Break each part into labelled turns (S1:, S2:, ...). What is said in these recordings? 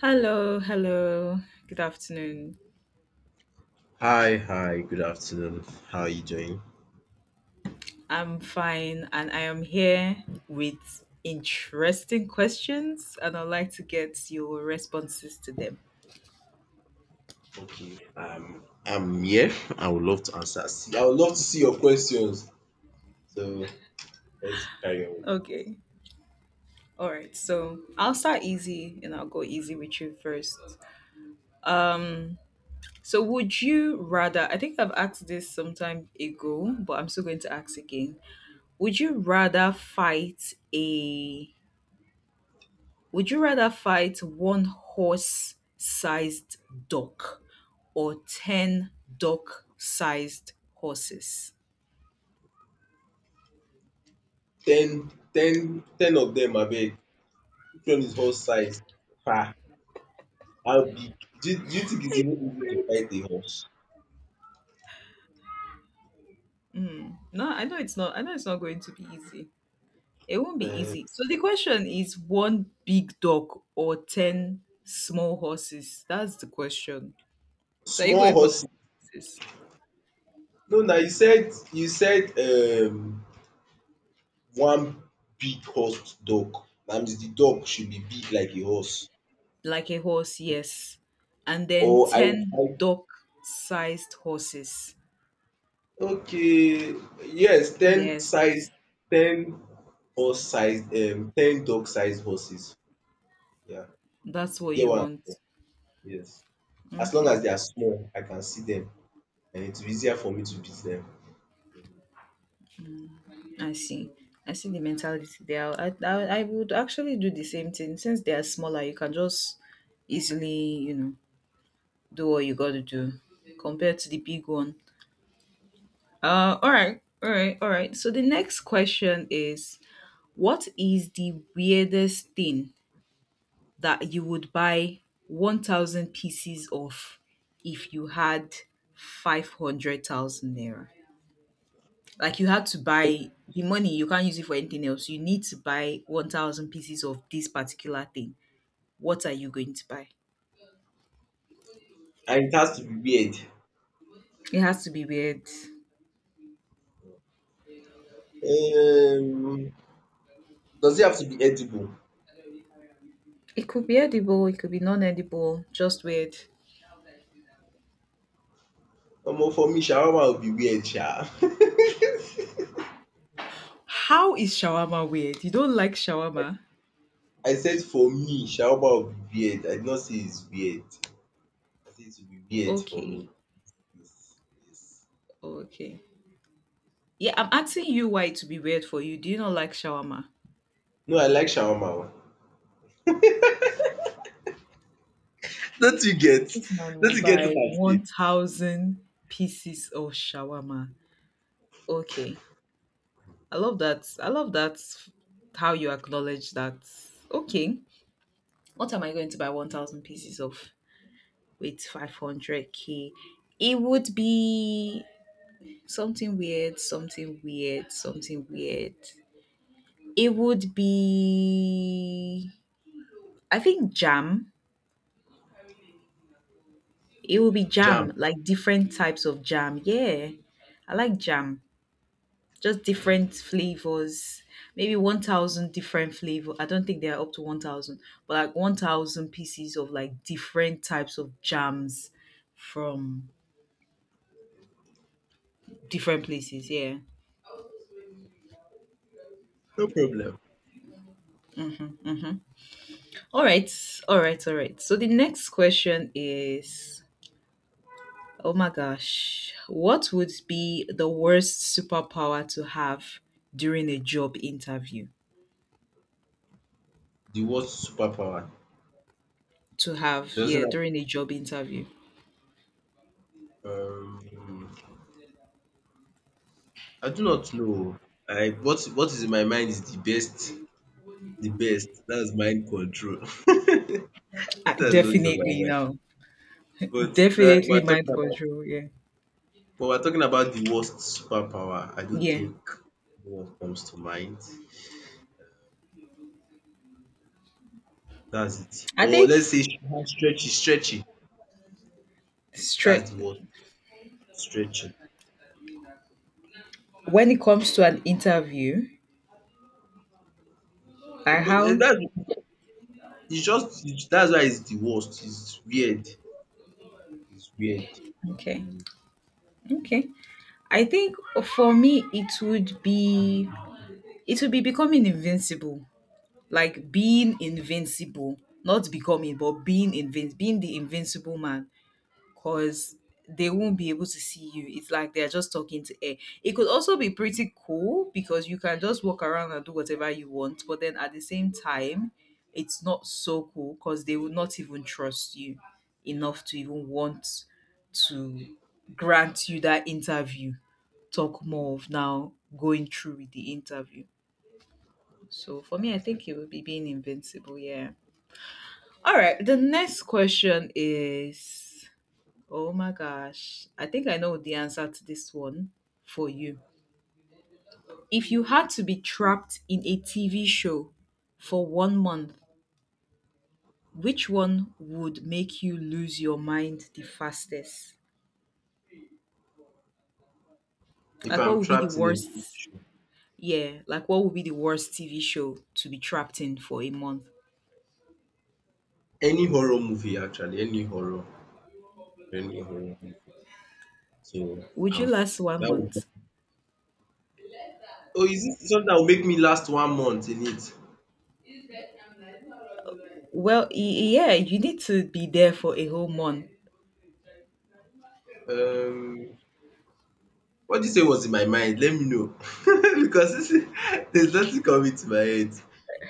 S1: Hello, hello. Good afternoon.
S2: Hi, hi, good afternoon. How are you doing?
S1: I'm fine and I am here with interesting questions and I'd like to get your responses to them.
S2: Okay. I'm here. I would love to answer. See, I would love to see your questions. So let's carry on.
S1: Okay. All right. So, I'll start easy and I'll go easy with you first. Um, so would you rather I think I've asked this sometime ago, but I'm still going to ask again. Would you rather fight a Would you rather fight one horse sized duck or 10 duck sized horses?
S2: Ten, ten, ten of them, I abeg. Which one is horse size? Ah, how big? Do you think
S1: Are
S2: it's
S1: you
S2: even easy to
S1: afraid?
S2: fight a horse?
S1: No, I know it's not. I know it's not going to be easy. It won't be
S2: Uh,
S1: easy. So the question is one big duck or 10 small horses? That's the question. So are you
S2: small
S1: going for
S2: horse.
S1: horses?
S2: No, no, you said one big horse dog. That means the dog should be big like a horse.
S1: Like a horse, yes. And then
S2: Or I will
S1: 10
S2: fight.
S1: duck sized horses.
S2: Okay, yes,
S1: Yes.
S2: ten horse size ten dog size horses. Yeah,
S1: That's
S2: you
S1: what
S2: get
S1: you
S2: what I'm
S1: want.
S2: saying? Yes. As long
S1: Okay.
S2: as they are small, I can see them and it's easier for me to beat them.
S1: I see. I see the mentality there. I would actually do the same thing. Since they are smaller, you can just easily, do what you got to do compared to the big one. All right, all right, all right. So the next question is, what is the weirdest thing that you would buy 1,000 pieces of if you had 500,000 naira? Like you had to buy the money, you can't use it for anything else. You need to buy 1,000 pieces of this particular thing. What are you going to buy?
S2: And it has to be weird.
S1: It has to be weird.
S2: Um, does it have to be edible?
S1: It could be edible, it could be non edible, just weird.
S2: Omo for me shawarma will be weird sha.
S1: How is shawarma weird? You don't like shawarma?
S2: I said for me shawarma will be weird. I did not say it's weird. I said it will be weird for me.
S1: Okay,
S2: Yes, yes.
S1: okay. Yeah, I'm asking you why it would be weird for you. Do you not like shawarma?
S2: No, I like shawarma o. Don't you get?
S1: This man
S2: Don't
S1: will
S2: you get what
S1: buy
S2: I'm saying?
S1: 1,000 pieces of shawarma. Okay. I love that. I love that how you acknowledge that. Okay. What am I going to buy 1,000 pieces of with 500k? It would be something weird, something weird, something weird. It would be I think jam. It would be jam,
S2: Jam.
S1: like different types of jam. Yeah. I like jam. Just different flavors, maybe 1,000 different flavor. I don't think they are up to 1,000, but like 1,000 pieces of like different types of jams from different places. Yeah.
S2: No problem.
S1: Mm-hmm. All right, all right, all right. So the next question is, oh my gosh, what would be the worst superpower to have during a job interview
S2: The word superpower
S1: to have,
S2: doesn't
S1: yeah,
S2: have,
S1: during a job interview.
S2: um I do not know. I what is in my mind is the best. That's mind control. That's what's in my
S1: Definitely
S2: mind.
S1: no,
S2: But that
S1: definitely
S2: we're
S1: mind
S2: talking about
S1: control, yeah.
S2: but we're talking about the worst superpower. I don't
S1: Yeah,
S2: think no one comes to mind. That's it.
S1: I
S2: Or
S1: think
S2: let's say she has stretchy stretchy. That's the word stretchy.
S1: when it comes to an interview, I
S2: But eh,
S1: how
S2: that's it's just that's why it's the worst. It's weird. It's weird.
S1: okay,
S2: Mm.
S1: okay. I think for me it would be becoming invincible, like being invincible, not becoming, but being the invincible man, because they won't be able to see you. It's like they're just talking to air. It could also be pretty cool because you can just walk around and do whatever you want, but then at the same time, it's not so cool because they will not even trust you enough to even want to grant you that interview. Talk more of now going through with the interview. So for me, I think it would be being invincible. Yeah. All right. The next question is, oh my gosh, I think I know the answer to this one for you. If you had to be trapped in a TV show for one month, which one would make you lose your mind the fastest?
S2: If
S1: Like, what
S2: I'm
S1: would be the
S2: trapped in a
S1: worst?
S2: TV show,
S1: Yeah, like, what would be the worst TV show to be trapped in for a month?
S2: any horror movie actually, any horror movie. So
S1: Would you
S2: um,
S1: last one
S2: that would be.
S1: month?
S2: Oh, is it something that will make me last one month in it?
S1: Well, yeah, you need to be there for a whole month.
S2: Um, what did you say was in my mind? Let me know because this there's nothing coming to my head.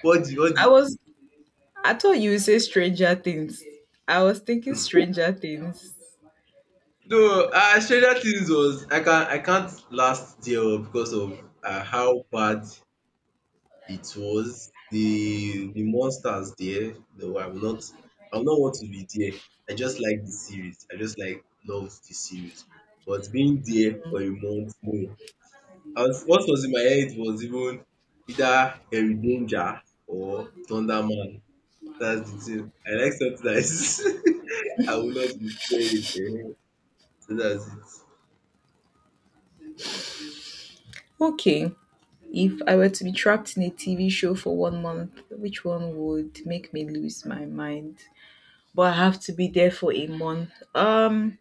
S2: What the what
S1: I
S2: the
S1: was, I thought you would say Stranger Things. I was thinking Stranger Things.
S2: No, Stranger Things was I can I can't last there because of how bad. It was the monsters there. No, I will not. I will not want to be there. I just like the series. I just like love the series. But being there for a month, more, what was in my head was even either Harry Danger or Thunderman. That's the thing. I like something that is I will not be fearing. Eh. So that's it.
S1: Okay. If I were to be trapped in a TV show for one month, which one would make me lose my mind? But I have to be there for a month.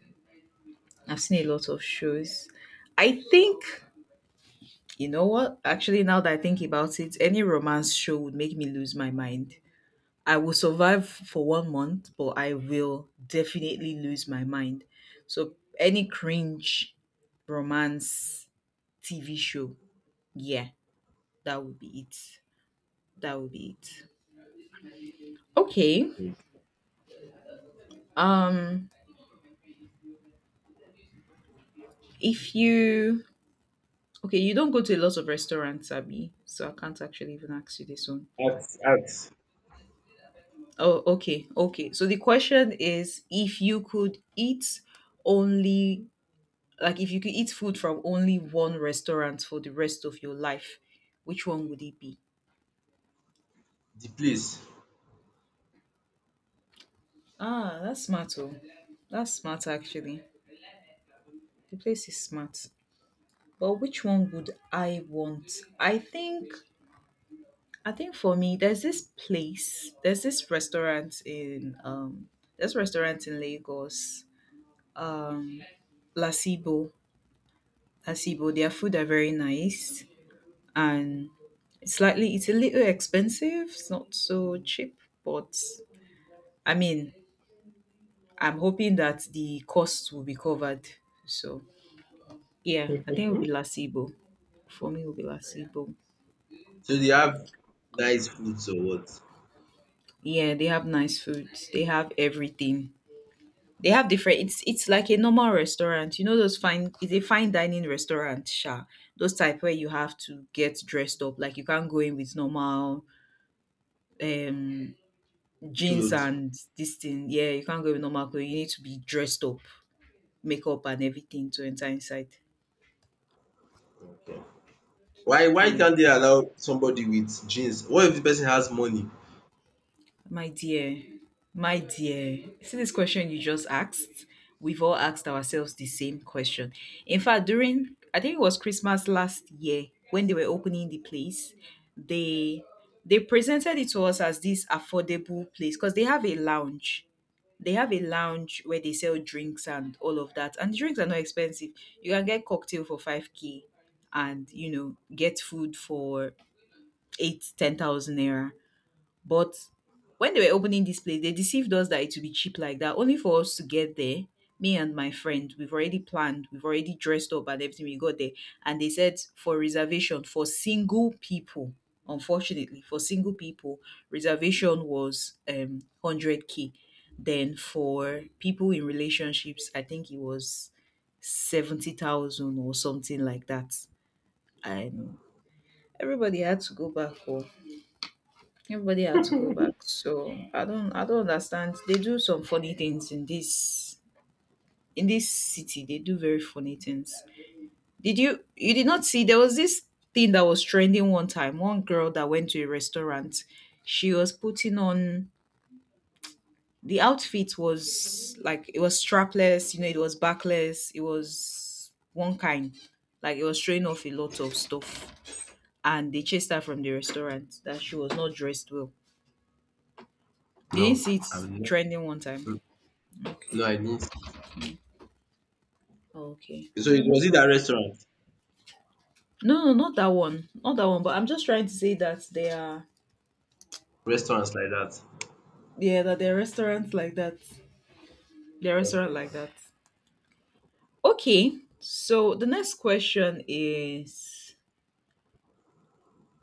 S1: I've seen a lot of shows. I think you know what? Actually, now that I think about it, any romance show would make me lose my mind. I will survive for one month, but I will definitely lose my mind. So any cringe romance TV show, yeah, that would be it. That would be it. Okay.
S2: Mm.
S1: Um, if you okay, you don't go to a lot of restaurants, Abby, so I can't actually even ask you this one.
S2: At
S1: Oh, okay, okay. So the question is, if you could eat only like if you could eat food from only one restaurant for the rest of your life, which one would it be?
S2: the place.
S1: Ah, that's smart. Oh, that's smart actually. The place is smart. But which one would I want? I think I think for me, there's this restaurant in there's restaurant in Lagos, um, Lasibo. Lasibo, their food are very nice, and it's a little expensive. It's not so cheap, but I mean, I'm hoping that the cost will be covered. So yeah, I think it will be Lasibo. For me, it will be Lasibo.
S2: So they have nice foods or what?
S1: Yeah, they have nice food. They have everything. They have different. It's like a normal restaurant. You know those fine. It's a fine dining restaurant, sha. Those type where you have to get dressed up. Like you can't go in with normal um jeans
S2: Clothes.
S1: and this thing. Yeah, you can't go with normal clothes. You need to be dressed up, makeup and everything to enter inside.
S2: Okay. Why
S1: Yeah.
S2: can't they allow somebody with jeans? What if the person has money?
S1: My dear, my dear, see this question you just asked? We've all asked ourselves the same question. In fact, during, I think it was Christmas last year when they were opening the place, they they presented it to us as this affordable place because they have a lounge. They have a lounge where they sell drinks and all of that. And the drinks are not expensive. You can get cocktail for 5k and get food for eight, 10,000 naira. But when they were opening this place, they deceived us that it would be cheap like that, only for us to get there. Me and my friend, we've already planned, we've already dressed up and everything. We got there, and they said for reservation for single people. Unfortunately, for single people, reservation was 100k. Then for people in relationships, I think it was 70,000 or something like that. And everybody had to go back home. Everybody had to go back. So I don't understand. They do some funny things in this city. They do very funny things. Did you you did not see there was this thing that was trending one time. One girl that went to a restaurant, she was putting on the outfit was like it was strapless, it was backless, it was one kind. Like it was showing off a lot of stuff. And they chased her from the restaurant that she was not dressed well. You didn't
S2: No,
S1: see it
S2: I will not.
S1: trending one time.
S2: Mm, no, I didn't see.
S1: Okay,
S2: So it
S1: no
S2: was it at
S1: problem.
S2: restaurant?
S1: No, no, not that one, not that one. But I'm just trying to say that they are,
S2: Restaurants like that.
S1: yeah, that they're restaurants like that. They're
S2: Okay,
S1: restaurant like
S2: man.
S1: that. Okay, so the next question is,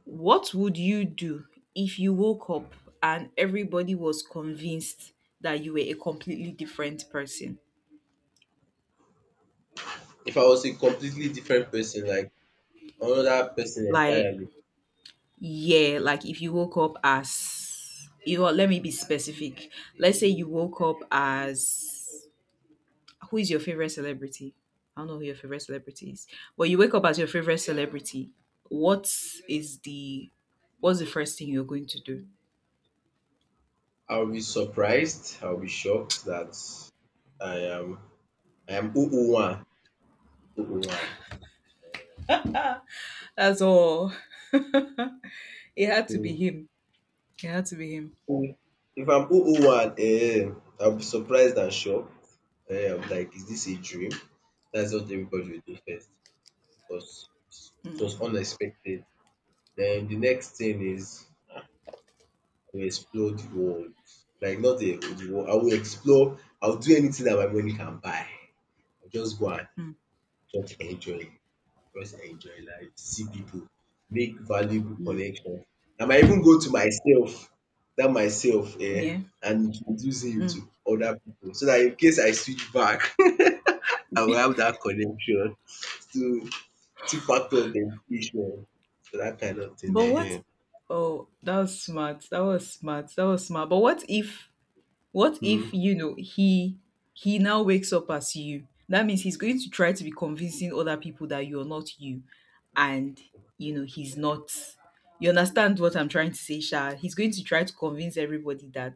S1: what would you do if you woke up and everybody was convinced that you were a completely different person?
S2: If I was a completely different person, like another person
S1: Like,
S2: entirely,
S1: yeah, like if you woke up as, let me be specific. Let's say you woke up as who is your favorite celebrity? I don't know who your favorite celebrity is, but you wake up as your favorite celebrity. What is the what's the first thing you're going to do?
S2: I will be surprised. I will be shocked that I am I am Uwan. Uwan.
S1: That's all. It had to be
S2: So
S1: him. It had to be him.
S2: who- if I'm Uwan, I'll be surprised and shocked. I'm like, is this a dream? That's what everybody will do first, because it was
S1: Mm,
S2: unexpected. Then the next thing is I will explore the world. Like not the world, I will explore, I will do anything that my money can buy. I'll just go and
S1: mm,
S2: just enjoy, just enjoy life, see people, make valuable connections. I might even go to myself, that myself,
S1: yeah.
S2: and introduce him
S1: Mm.
S2: to other people so that in case I switch back, I will have that connection to two factor authentication. So that kind of thing.
S1: But what?
S2: Ehen.
S1: Oh, that was smart. That was smart. That was smart. But what if What
S2: Hmm.
S1: if, he now wakes up as you? That means he's going to try to be convincing other people that you're not you and you know he's not. You understand what I'm trying to say, Sha? He's going to try to convince everybody that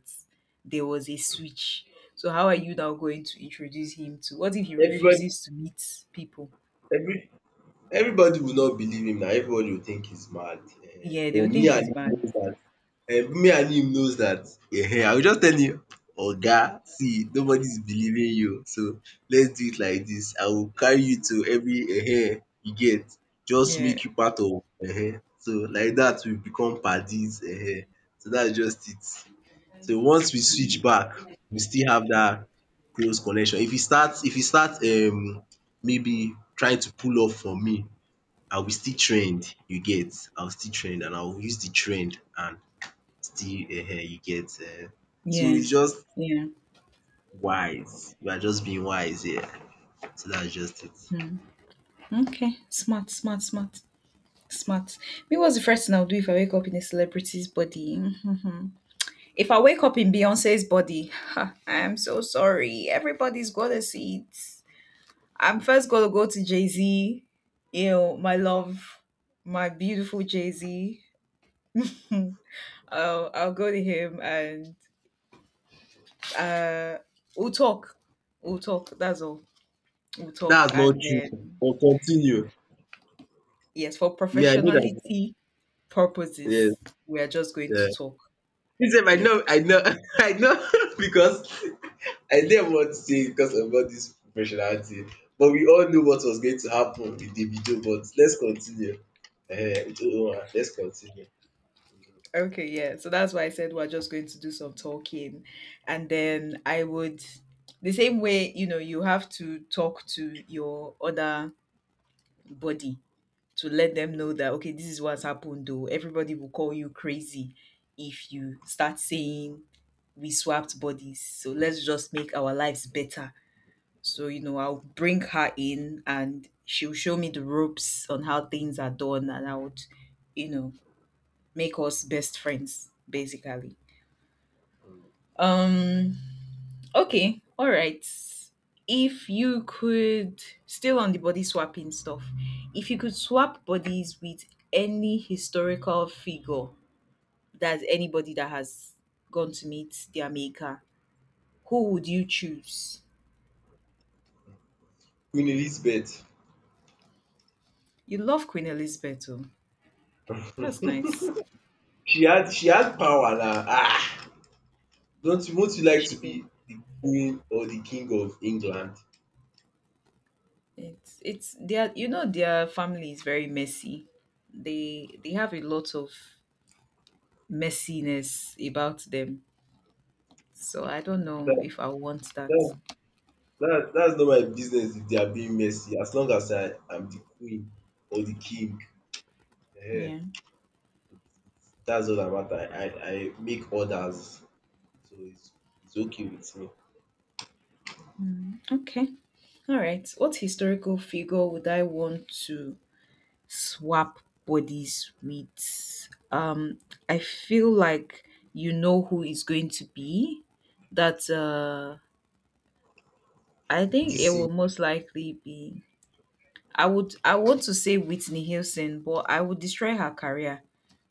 S1: there was a switch. So how are you now going to introduce him to what if he
S2: Everybody
S1: refuses to meet people?
S2: every everybody will not believe him now. Everybody will think he's mad
S1: Yeah, they
S2: but
S1: will
S2: me
S1: think
S2: and
S1: he's
S2: him
S1: bad.
S2: knows that. Me and him knows that. I will just tell him oga see nobody is believing you so let's do it like this. I will carry you to every you get just
S1: Yeah.
S2: make you part of so like that, we become paddies so that's just it. So once we switch back, we still have that close connection. If e start maybe trying to pull off from me, I will still trend, you get, I will still trend and I will use the trend and still you get So
S1: Yeah.
S2: it's just
S1: Yeah.
S2: wise, we are just being wise here. So that's just it.
S1: Okay. Smart, smart, smart. Smart. Me, what's the first thing I'll do if I wake up in a celebrity's body? Mhm. If I wake up in Beyonce's body, ha, I am so sorry. Everybody's got see it. I'm first gonna go to Jay Z, my love, my beautiful Jay Z. Hmm. I'll go to him and uh, we'll talk. We'll talk. That's all. We'll talk.
S2: That's not
S1: And
S2: true
S1: then,
S2: but continue.
S1: yes, for
S2: Me I know that.
S1: professionality
S2: Yes
S1: purposes, we are just going to
S2: um.
S1: talk.
S2: Me I
S1: Yes.
S2: know I know I know because I didn't want to say because about this professionality, but we all knew what was going to happen with the video. But let's continue. Ehen, with Oluwa, let's continue.
S1: Okay, yeah. So that's why I said we're just going to do some talking. And then I would, the same way, you have to talk to your other body to let them know
S2: Hmm.
S1: that, okay, this is what's happened, though. Everybody will call you crazy if you start saying we swapped bodies. So let's just make our lives better. So, I'll bring her in and she'll show me the ropes on how things are done and I would, you know, make us best friends, basically. Um. Okay. All right. If you could, still on the body swapping stuff, if you could swap bodies with any historical figure, that's anybody that has gone to meet their maker, who would you choose?
S2: Queen Elizabeth,
S1: You love Queen Elizabeth, oh. That's nice.
S2: she had power now. Ah! Don't you won't you like to
S1: She did.
S2: be the queen or the king of England?
S1: It's their their family is very messy. They have a lot of messiness about them. So I don't know
S2: That
S1: if I want that.
S2: that that's not my business if they are being messy as long as I am the queen or the king. Ehen,
S1: Yeah.
S2: that's all that matter. I make orders so it's okay with me.
S1: Okay. All right. What historical figure would I want to swap bodies with? I feel like you know who is going to be. That I think it
S2: This
S1: will
S2: thing.
S1: most likely be. I would. I want to say Whitney Houston, but I would destroy her career.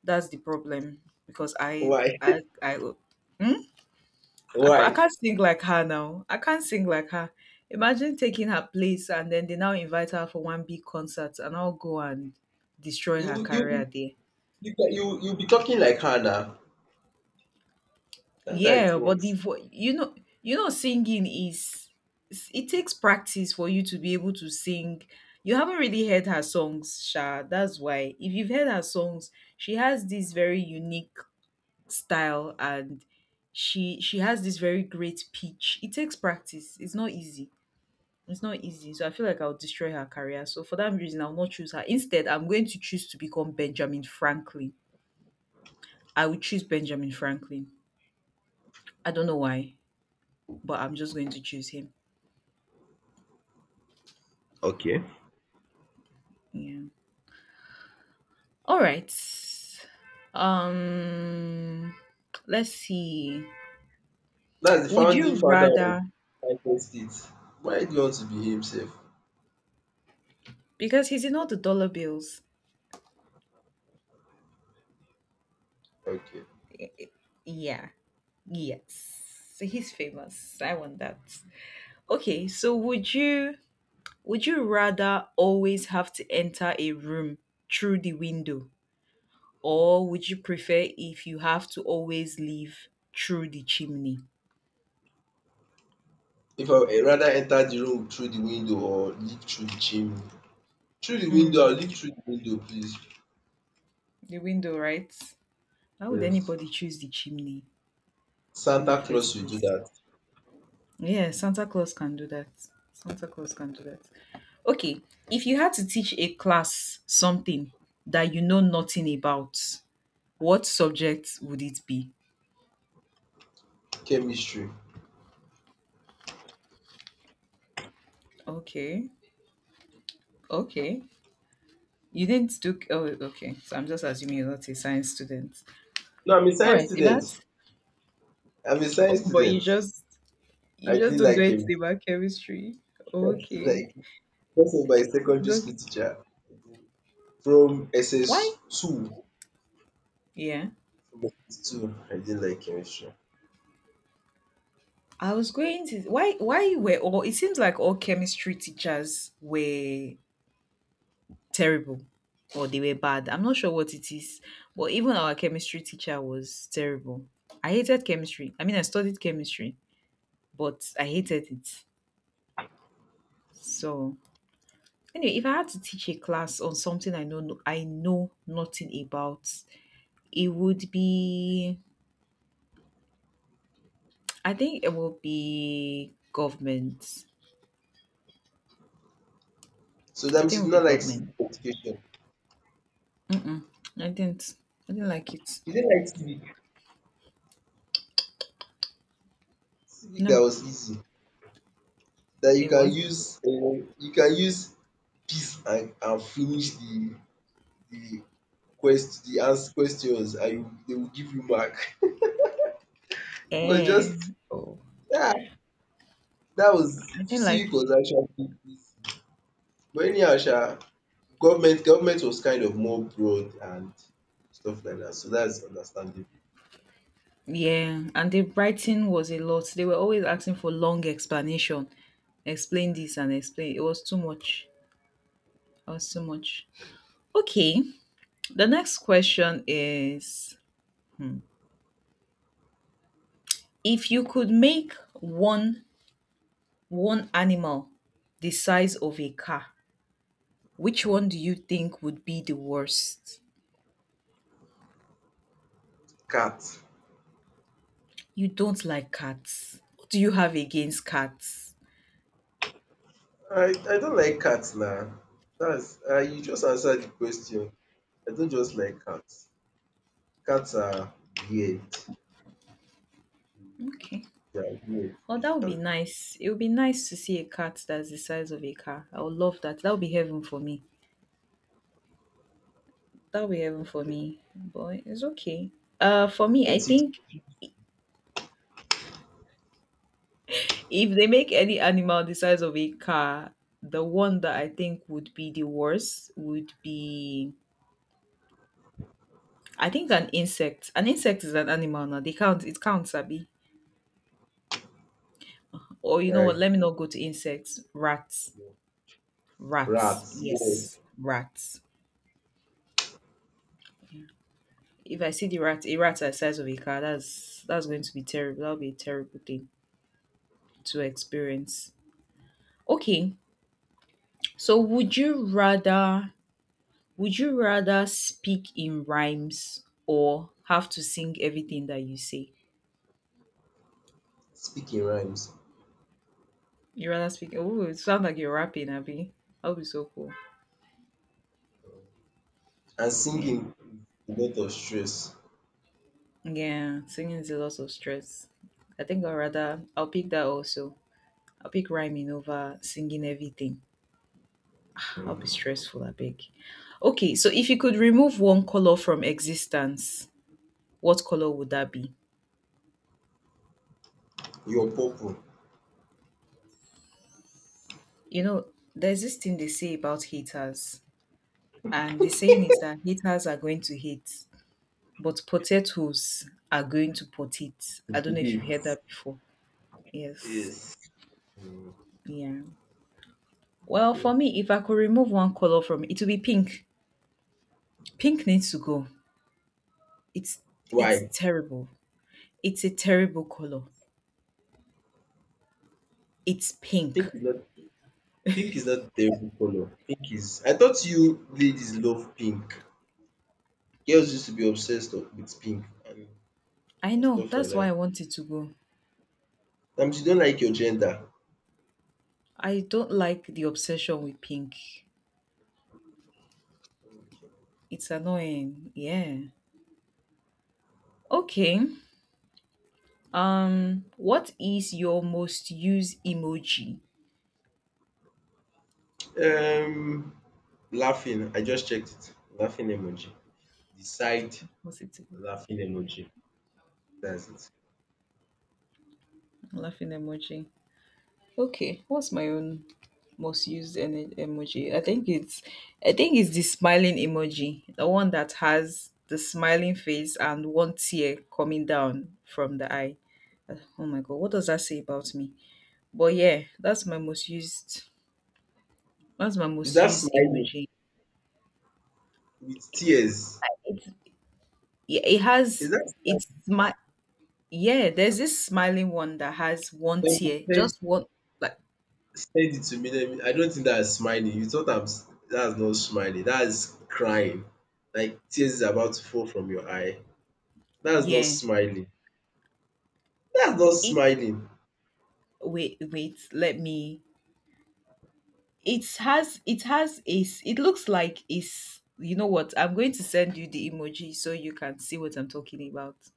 S1: That's the problem because I.
S2: Why?
S1: I. I. Hmm? I
S2: Why?
S1: can't sing like her now. I can't sing like her. Imagine taking her place and then they now invite her for one big concert and I'll go and destroy
S2: You
S1: her career
S2: you
S1: there.
S2: you be talking like her now. That's how it
S1: Yeah, but
S2: works.
S1: you know singing is it takes practice for you to be able to sing. You haven't really heard her songs, Sha. That's why. If you've heard her songs, she has this very unique style and she has this very great pitch. It takes practice. It's not easy. It's not easy. So I feel like I'll destroy her career. So for that reason, I'll not choose her. Instead, I'm going to choose to become Benjamin Franklin. I will choose Benjamin Franklin. I don't know why, but I'm just going to choose him.
S2: Okay.
S1: Yeah. All right. Um let's see.
S2: That's the
S1: Would
S2: founding
S1: you
S2: father of
S1: rather
S2: United States. Why do you want to be himself?
S1: Because he's in all the dollar bills.
S2: Okay.
S1: Yeah. Yes. So he's famous. I want that. Okay, so would you Would you rather always have to enter a room through the window, or would you prefer if you have to always leave through the chimney?
S2: If I would rather enter the room through the window or leap through the chimney. Through the window or
S1: Mm,
S2: leap through the window, please.
S1: the window, right? How would
S2: Yes.
S1: anybody choose the chimney in the
S2: Santa
S1: first
S2: Claus will do
S1: place?
S2: that.
S1: Yeah, Santa Claus can do that. Santa Claus can do that. Okay, if you had to teach a class something that you know nothing about, what subject would it be?
S2: Chemistry.
S1: Okay, okay. You didn't do. Oh, okay. So I'm just assuming you're not a science student.
S2: No, I'm a
S1: All
S2: science
S1: right. If
S2: student.
S1: that's.
S2: I'm a
S1: Oh,
S2: science
S1: but you
S2: student.
S1: just you
S2: I
S1: just
S2: didn't
S1: don't do
S2: like him.
S1: anything about chemistry.
S2: I didn't
S1: Okay.
S2: like him. Because of my
S1: It's
S2: secondary
S1: okay.
S2: school teacher. From
S1: Why?
S2: SS2,
S1: Yeah.
S2: from SS2, I didn't like chemistry.
S1: I was going to. Why? Why were all? It seems like all chemistry teachers were terrible, or they were bad. I'm not sure what it is, but even our chemistry teacher was terrible. I hated chemistry. I mean, I studied chemistry, but I hated it. So Anyway, if I had to teach a class on something I know nothing about, it would be I think it will be government.
S2: So that
S1: I think
S2: means
S1: it
S2: you
S1: would
S2: did
S1: be
S2: not like
S1: government.
S2: civic education.
S1: Mm-mm. I didn't. I didn't like it.
S2: You didn't like civic. Civic that
S1: No,
S2: was easy, that you
S1: it
S2: can
S1: was.
S2: use um you can use peace and finish the quest the ans questions and you they will give you mark. It was
S1: Eh.
S2: just
S1: Oh,
S2: yeah, that was
S1: I didn't like
S2: civic
S1: it.
S2: was actually easy. But anyhow sha, government was kind of more broad and stuff like that. So that's understandable.
S1: Yeah, and the writing was a lot. They were always asking for long explanation. Explain this and explain. It was too much. It was too much. Okay, the next question is: if you could make one animal the size of a car, which one do you think would be the worst?
S2: Cat.
S1: You don't like cats. What do you have against cats?
S2: I don't like cats now. That's you just answered the question. I don't just like cats. Cats are weird.
S1: Okay.
S2: They are weird
S1: Well, that would be
S2: basically.
S1: nice. It would be nice to see a cat that's the size of a car. I would love that. That would be heaven for me. That would be heaven for
S2: Okay.
S1: me. But it's okay. For me, I
S2: Until
S1: think if they make any animal the size of a car, the one that I think would be the worst would be I think an insect. An insect is an animal now. They count. It counts, Sabi. Or you know what?
S2: I
S1: Let me
S2: think
S1: not go to insects. Rats. Rats.
S2: rats, yes.
S1: Yes. Rats. If I see the rat, a rat the size of a car, that's going to be terrible. That'll be a terrible thing to experience. Okay. So would you rather speak in rhymes or have to sing everything that you say?
S2: Speaking rhymes
S1: You rather speak Oh it sounds like you're rapping, Abby. That would be so cool.
S2: and
S1: Yeah.
S2: singing with a lot of stress.
S1: Yeah, singing is a lot of stress. I'll pick that also. I'll pick rhyming over singing everything. I'll be stressful, I beg. Okay, so if you could remove one color from existence, what color would that be?
S2: Your purple.
S1: You know, there's this thing they say about haters, and the saying is that haters are going to hate, but potatoes are going to pot it. I don't know if you've heard
S2: Yes.
S1: that before. Yes.
S2: Yes. Mm,
S1: Yeah. Well, for
S2: okay.
S1: me, if I could remove one color from it, it would be pink. Pink needs to go. It's it's
S2: Why?
S1: terrible. It's a terrible color. It's pink.
S2: Pink is not pink is not a terrible color. Pink is I thought you ladies love pink. Girls used to be obsessed of with pink and
S1: I
S2: and
S1: know.
S2: stuff like
S1: That's why I
S2: that.
S1: want it to go.
S2: She don't like your gender.
S1: I don't like the obsession with pink. It's annoying. Yeah. Okay. What is your most used emoji?
S2: Um, laughing. I just checked it. Laughing emoji. Decide
S1: What's it?
S2: laughing emoji. That's it.
S1: Laughing emoji. Okay, what's my own emoji? I think it's the smiling emoji, the one that has the smiling face and one tear coming down from the eye. Oh my god, what does that say about me? But yeah, that's my most used that's my
S2: Is
S1: most
S2: that
S1: used
S2: smiling
S1: emoji.
S2: with tears?
S1: It's, yeah, it
S2: Is
S1: has
S2: that
S1: it's
S2: smiling?
S1: my yeah, there's this smiling one that has one
S2: Then
S1: tear,
S2: send,
S1: just one, like
S2: send it to me. Let me. I don't think that's smiling. You thought I'm. That's not smiling. That's crying. Like tears is about to fall from your eye. That's not
S1: yeah.
S2: smiling. That's not
S1: It
S2: smiling.
S1: Wait, let me. It has a it looks like is, you know what? I'm going to send you the emoji so you can see what I'm talking about.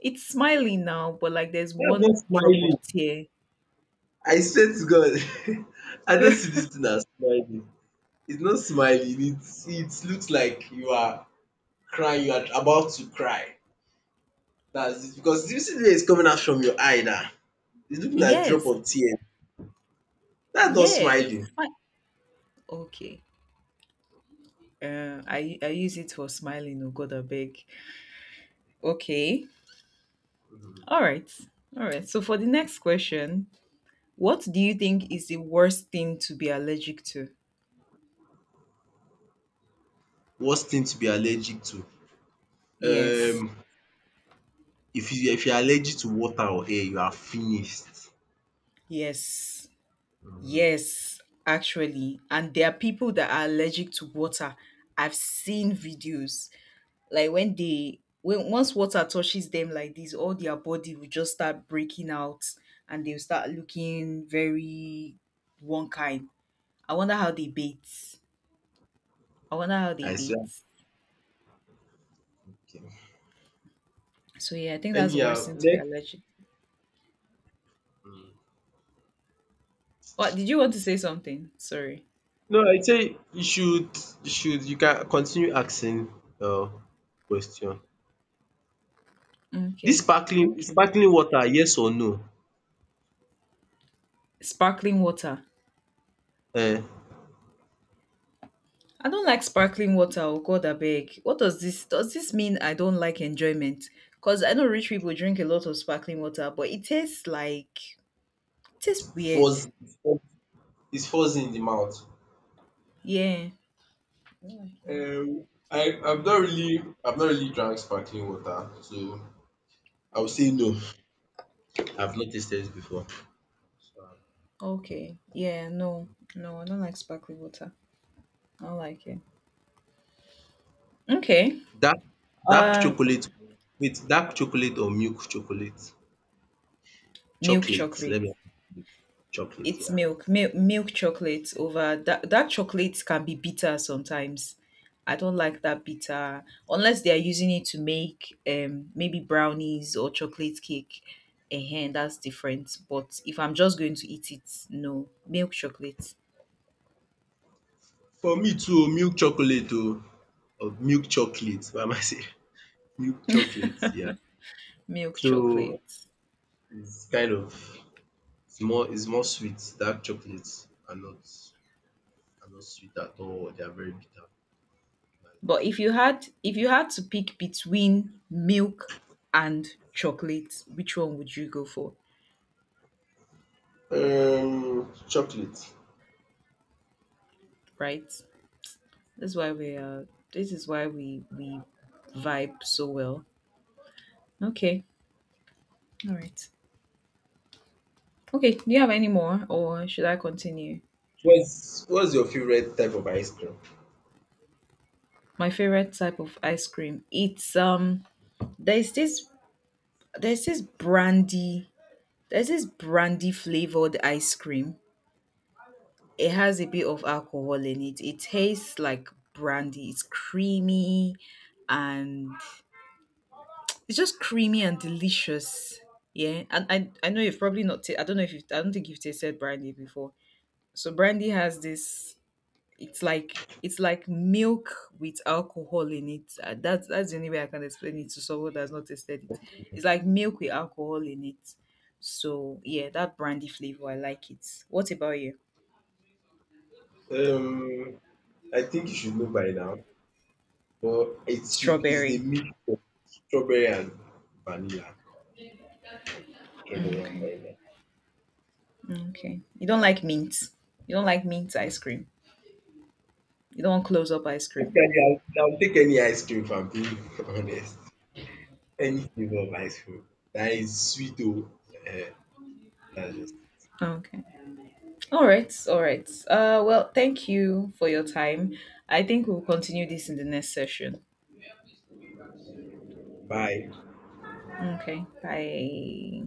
S1: It's smiling now, but like there's
S2: That's not
S1: one drop of
S2: smiling.
S1: tear.
S2: I swear to God, I don't see this thing as smiling. It's not smiling. It looks like you are crying. You are about to cry. That's it. Because you see the way it's coming out from your eye now. It's looking like drop
S1: Yes.
S2: of tear. That's not
S1: Yeah, it's
S2: smiling.
S1: fine. Okay. I use it for smiling. Oh God, I beg. Okay. All right. All right. So for the next question, what do you think is the worst thing to be allergic to?
S2: Worst thing to be allergic to.
S1: Yes.
S2: Um, if you are allergic to water or air, you are finished.
S1: Yes. Yes, actually. And there are people that are allergic to water. I've seen videos like when they when once water touches them like this, all their body will just start breaking out and they'll start looking very one kind. I wonder how they bathe. I wonder how they
S2: I
S1: bathe.
S2: swear. Okay.
S1: So yeah, I think that's the worst
S2: Anyhow,
S1: thing to be
S2: next.
S1: allergic. What did you want to say something? Sorry.
S2: No, I say you should you can continue asking uh question. This
S1: Okay.
S2: sparkling
S1: Okay.
S2: sparkling water yes or no?
S1: Sparkling water.
S2: Eh,
S1: I don't like sparkling water. Oh God, I beg. What does this, does this mean? I don't like enjoyment because I know rich people drink a lot of sparkling water, but it tastes like it tastes weird.
S2: Fuzz fuzz- it's fuzzy in the mouth.
S1: Yeah.
S2: I've not really drank sparkling water, so I would say no. I've not tasted it before. So
S1: Okay. Yeah. No. No, I don't like sparkling water. I don't like it. Okay.
S2: dark dark
S1: Uh,
S2: chocolate wait dark chocolate or milk chocolate?
S1: milk
S2: Chocolate let
S1: chocolate.
S2: me chocolate
S1: It's
S2: yeah.
S1: milk chocolate over that. Dark chocolate can be bitter sometimes. I don't like that bitter unless they are using it to make maybe brownies or chocolate cake. Ehen, that's different. But if I'm just going to eat it, no, milk chocolate,
S2: For me too milk chocolate o or milk chocolate why am I saying milk chocolate yeah.
S1: milk
S2: So
S1: chocolate.
S2: it's kind of it's more sweet. Dark chocolates are not sweet at all. They are very bitter.
S1: But if you had to pick between milk and chocolate, which one would you go for?
S2: Chocolate.
S1: Right? That's why we are. This is why we vibe so well. Okay. All right. Okay. Do you have any more, or should I continue?
S2: What's your favorite type of ice cream?
S1: My favorite type of ice cream. It's. There's this. There's this brandy. There's this brandy flavored ice cream. It has a bit of alcohol in it. It tastes like brandy. It's creamy, and it's just creamy and delicious. Yeah, and I know you've probably not. Ta- I don't know if you've, I don't think you've tasted brandy before. So brandy has this. It's like milk with alcohol in it. That's the only way I can explain it to someone that's not tasted it. It's like milk with alcohol in it. So yeah, that brandy flavor I like it. What about you?
S2: Um, I think you should know by now, but it should is the
S1: Strawberry.
S2: mix of strawberry and vanilla. Strawberry and
S1: Okay.
S2: vanilla.
S1: Okay. You don't
S2: Yeah.
S1: like mint. You don't like mint ice cream. You don't want close up ice cream.
S2: Basically, I'll take any ice cream if I'm being honest. Any flavor of ice cream that is sweet. Oh, uh, that's just
S1: Okay. All right. All right. Well, thank you for your time. I think we'll continue this in the next session.
S2: bye.
S1: Okay. Bye.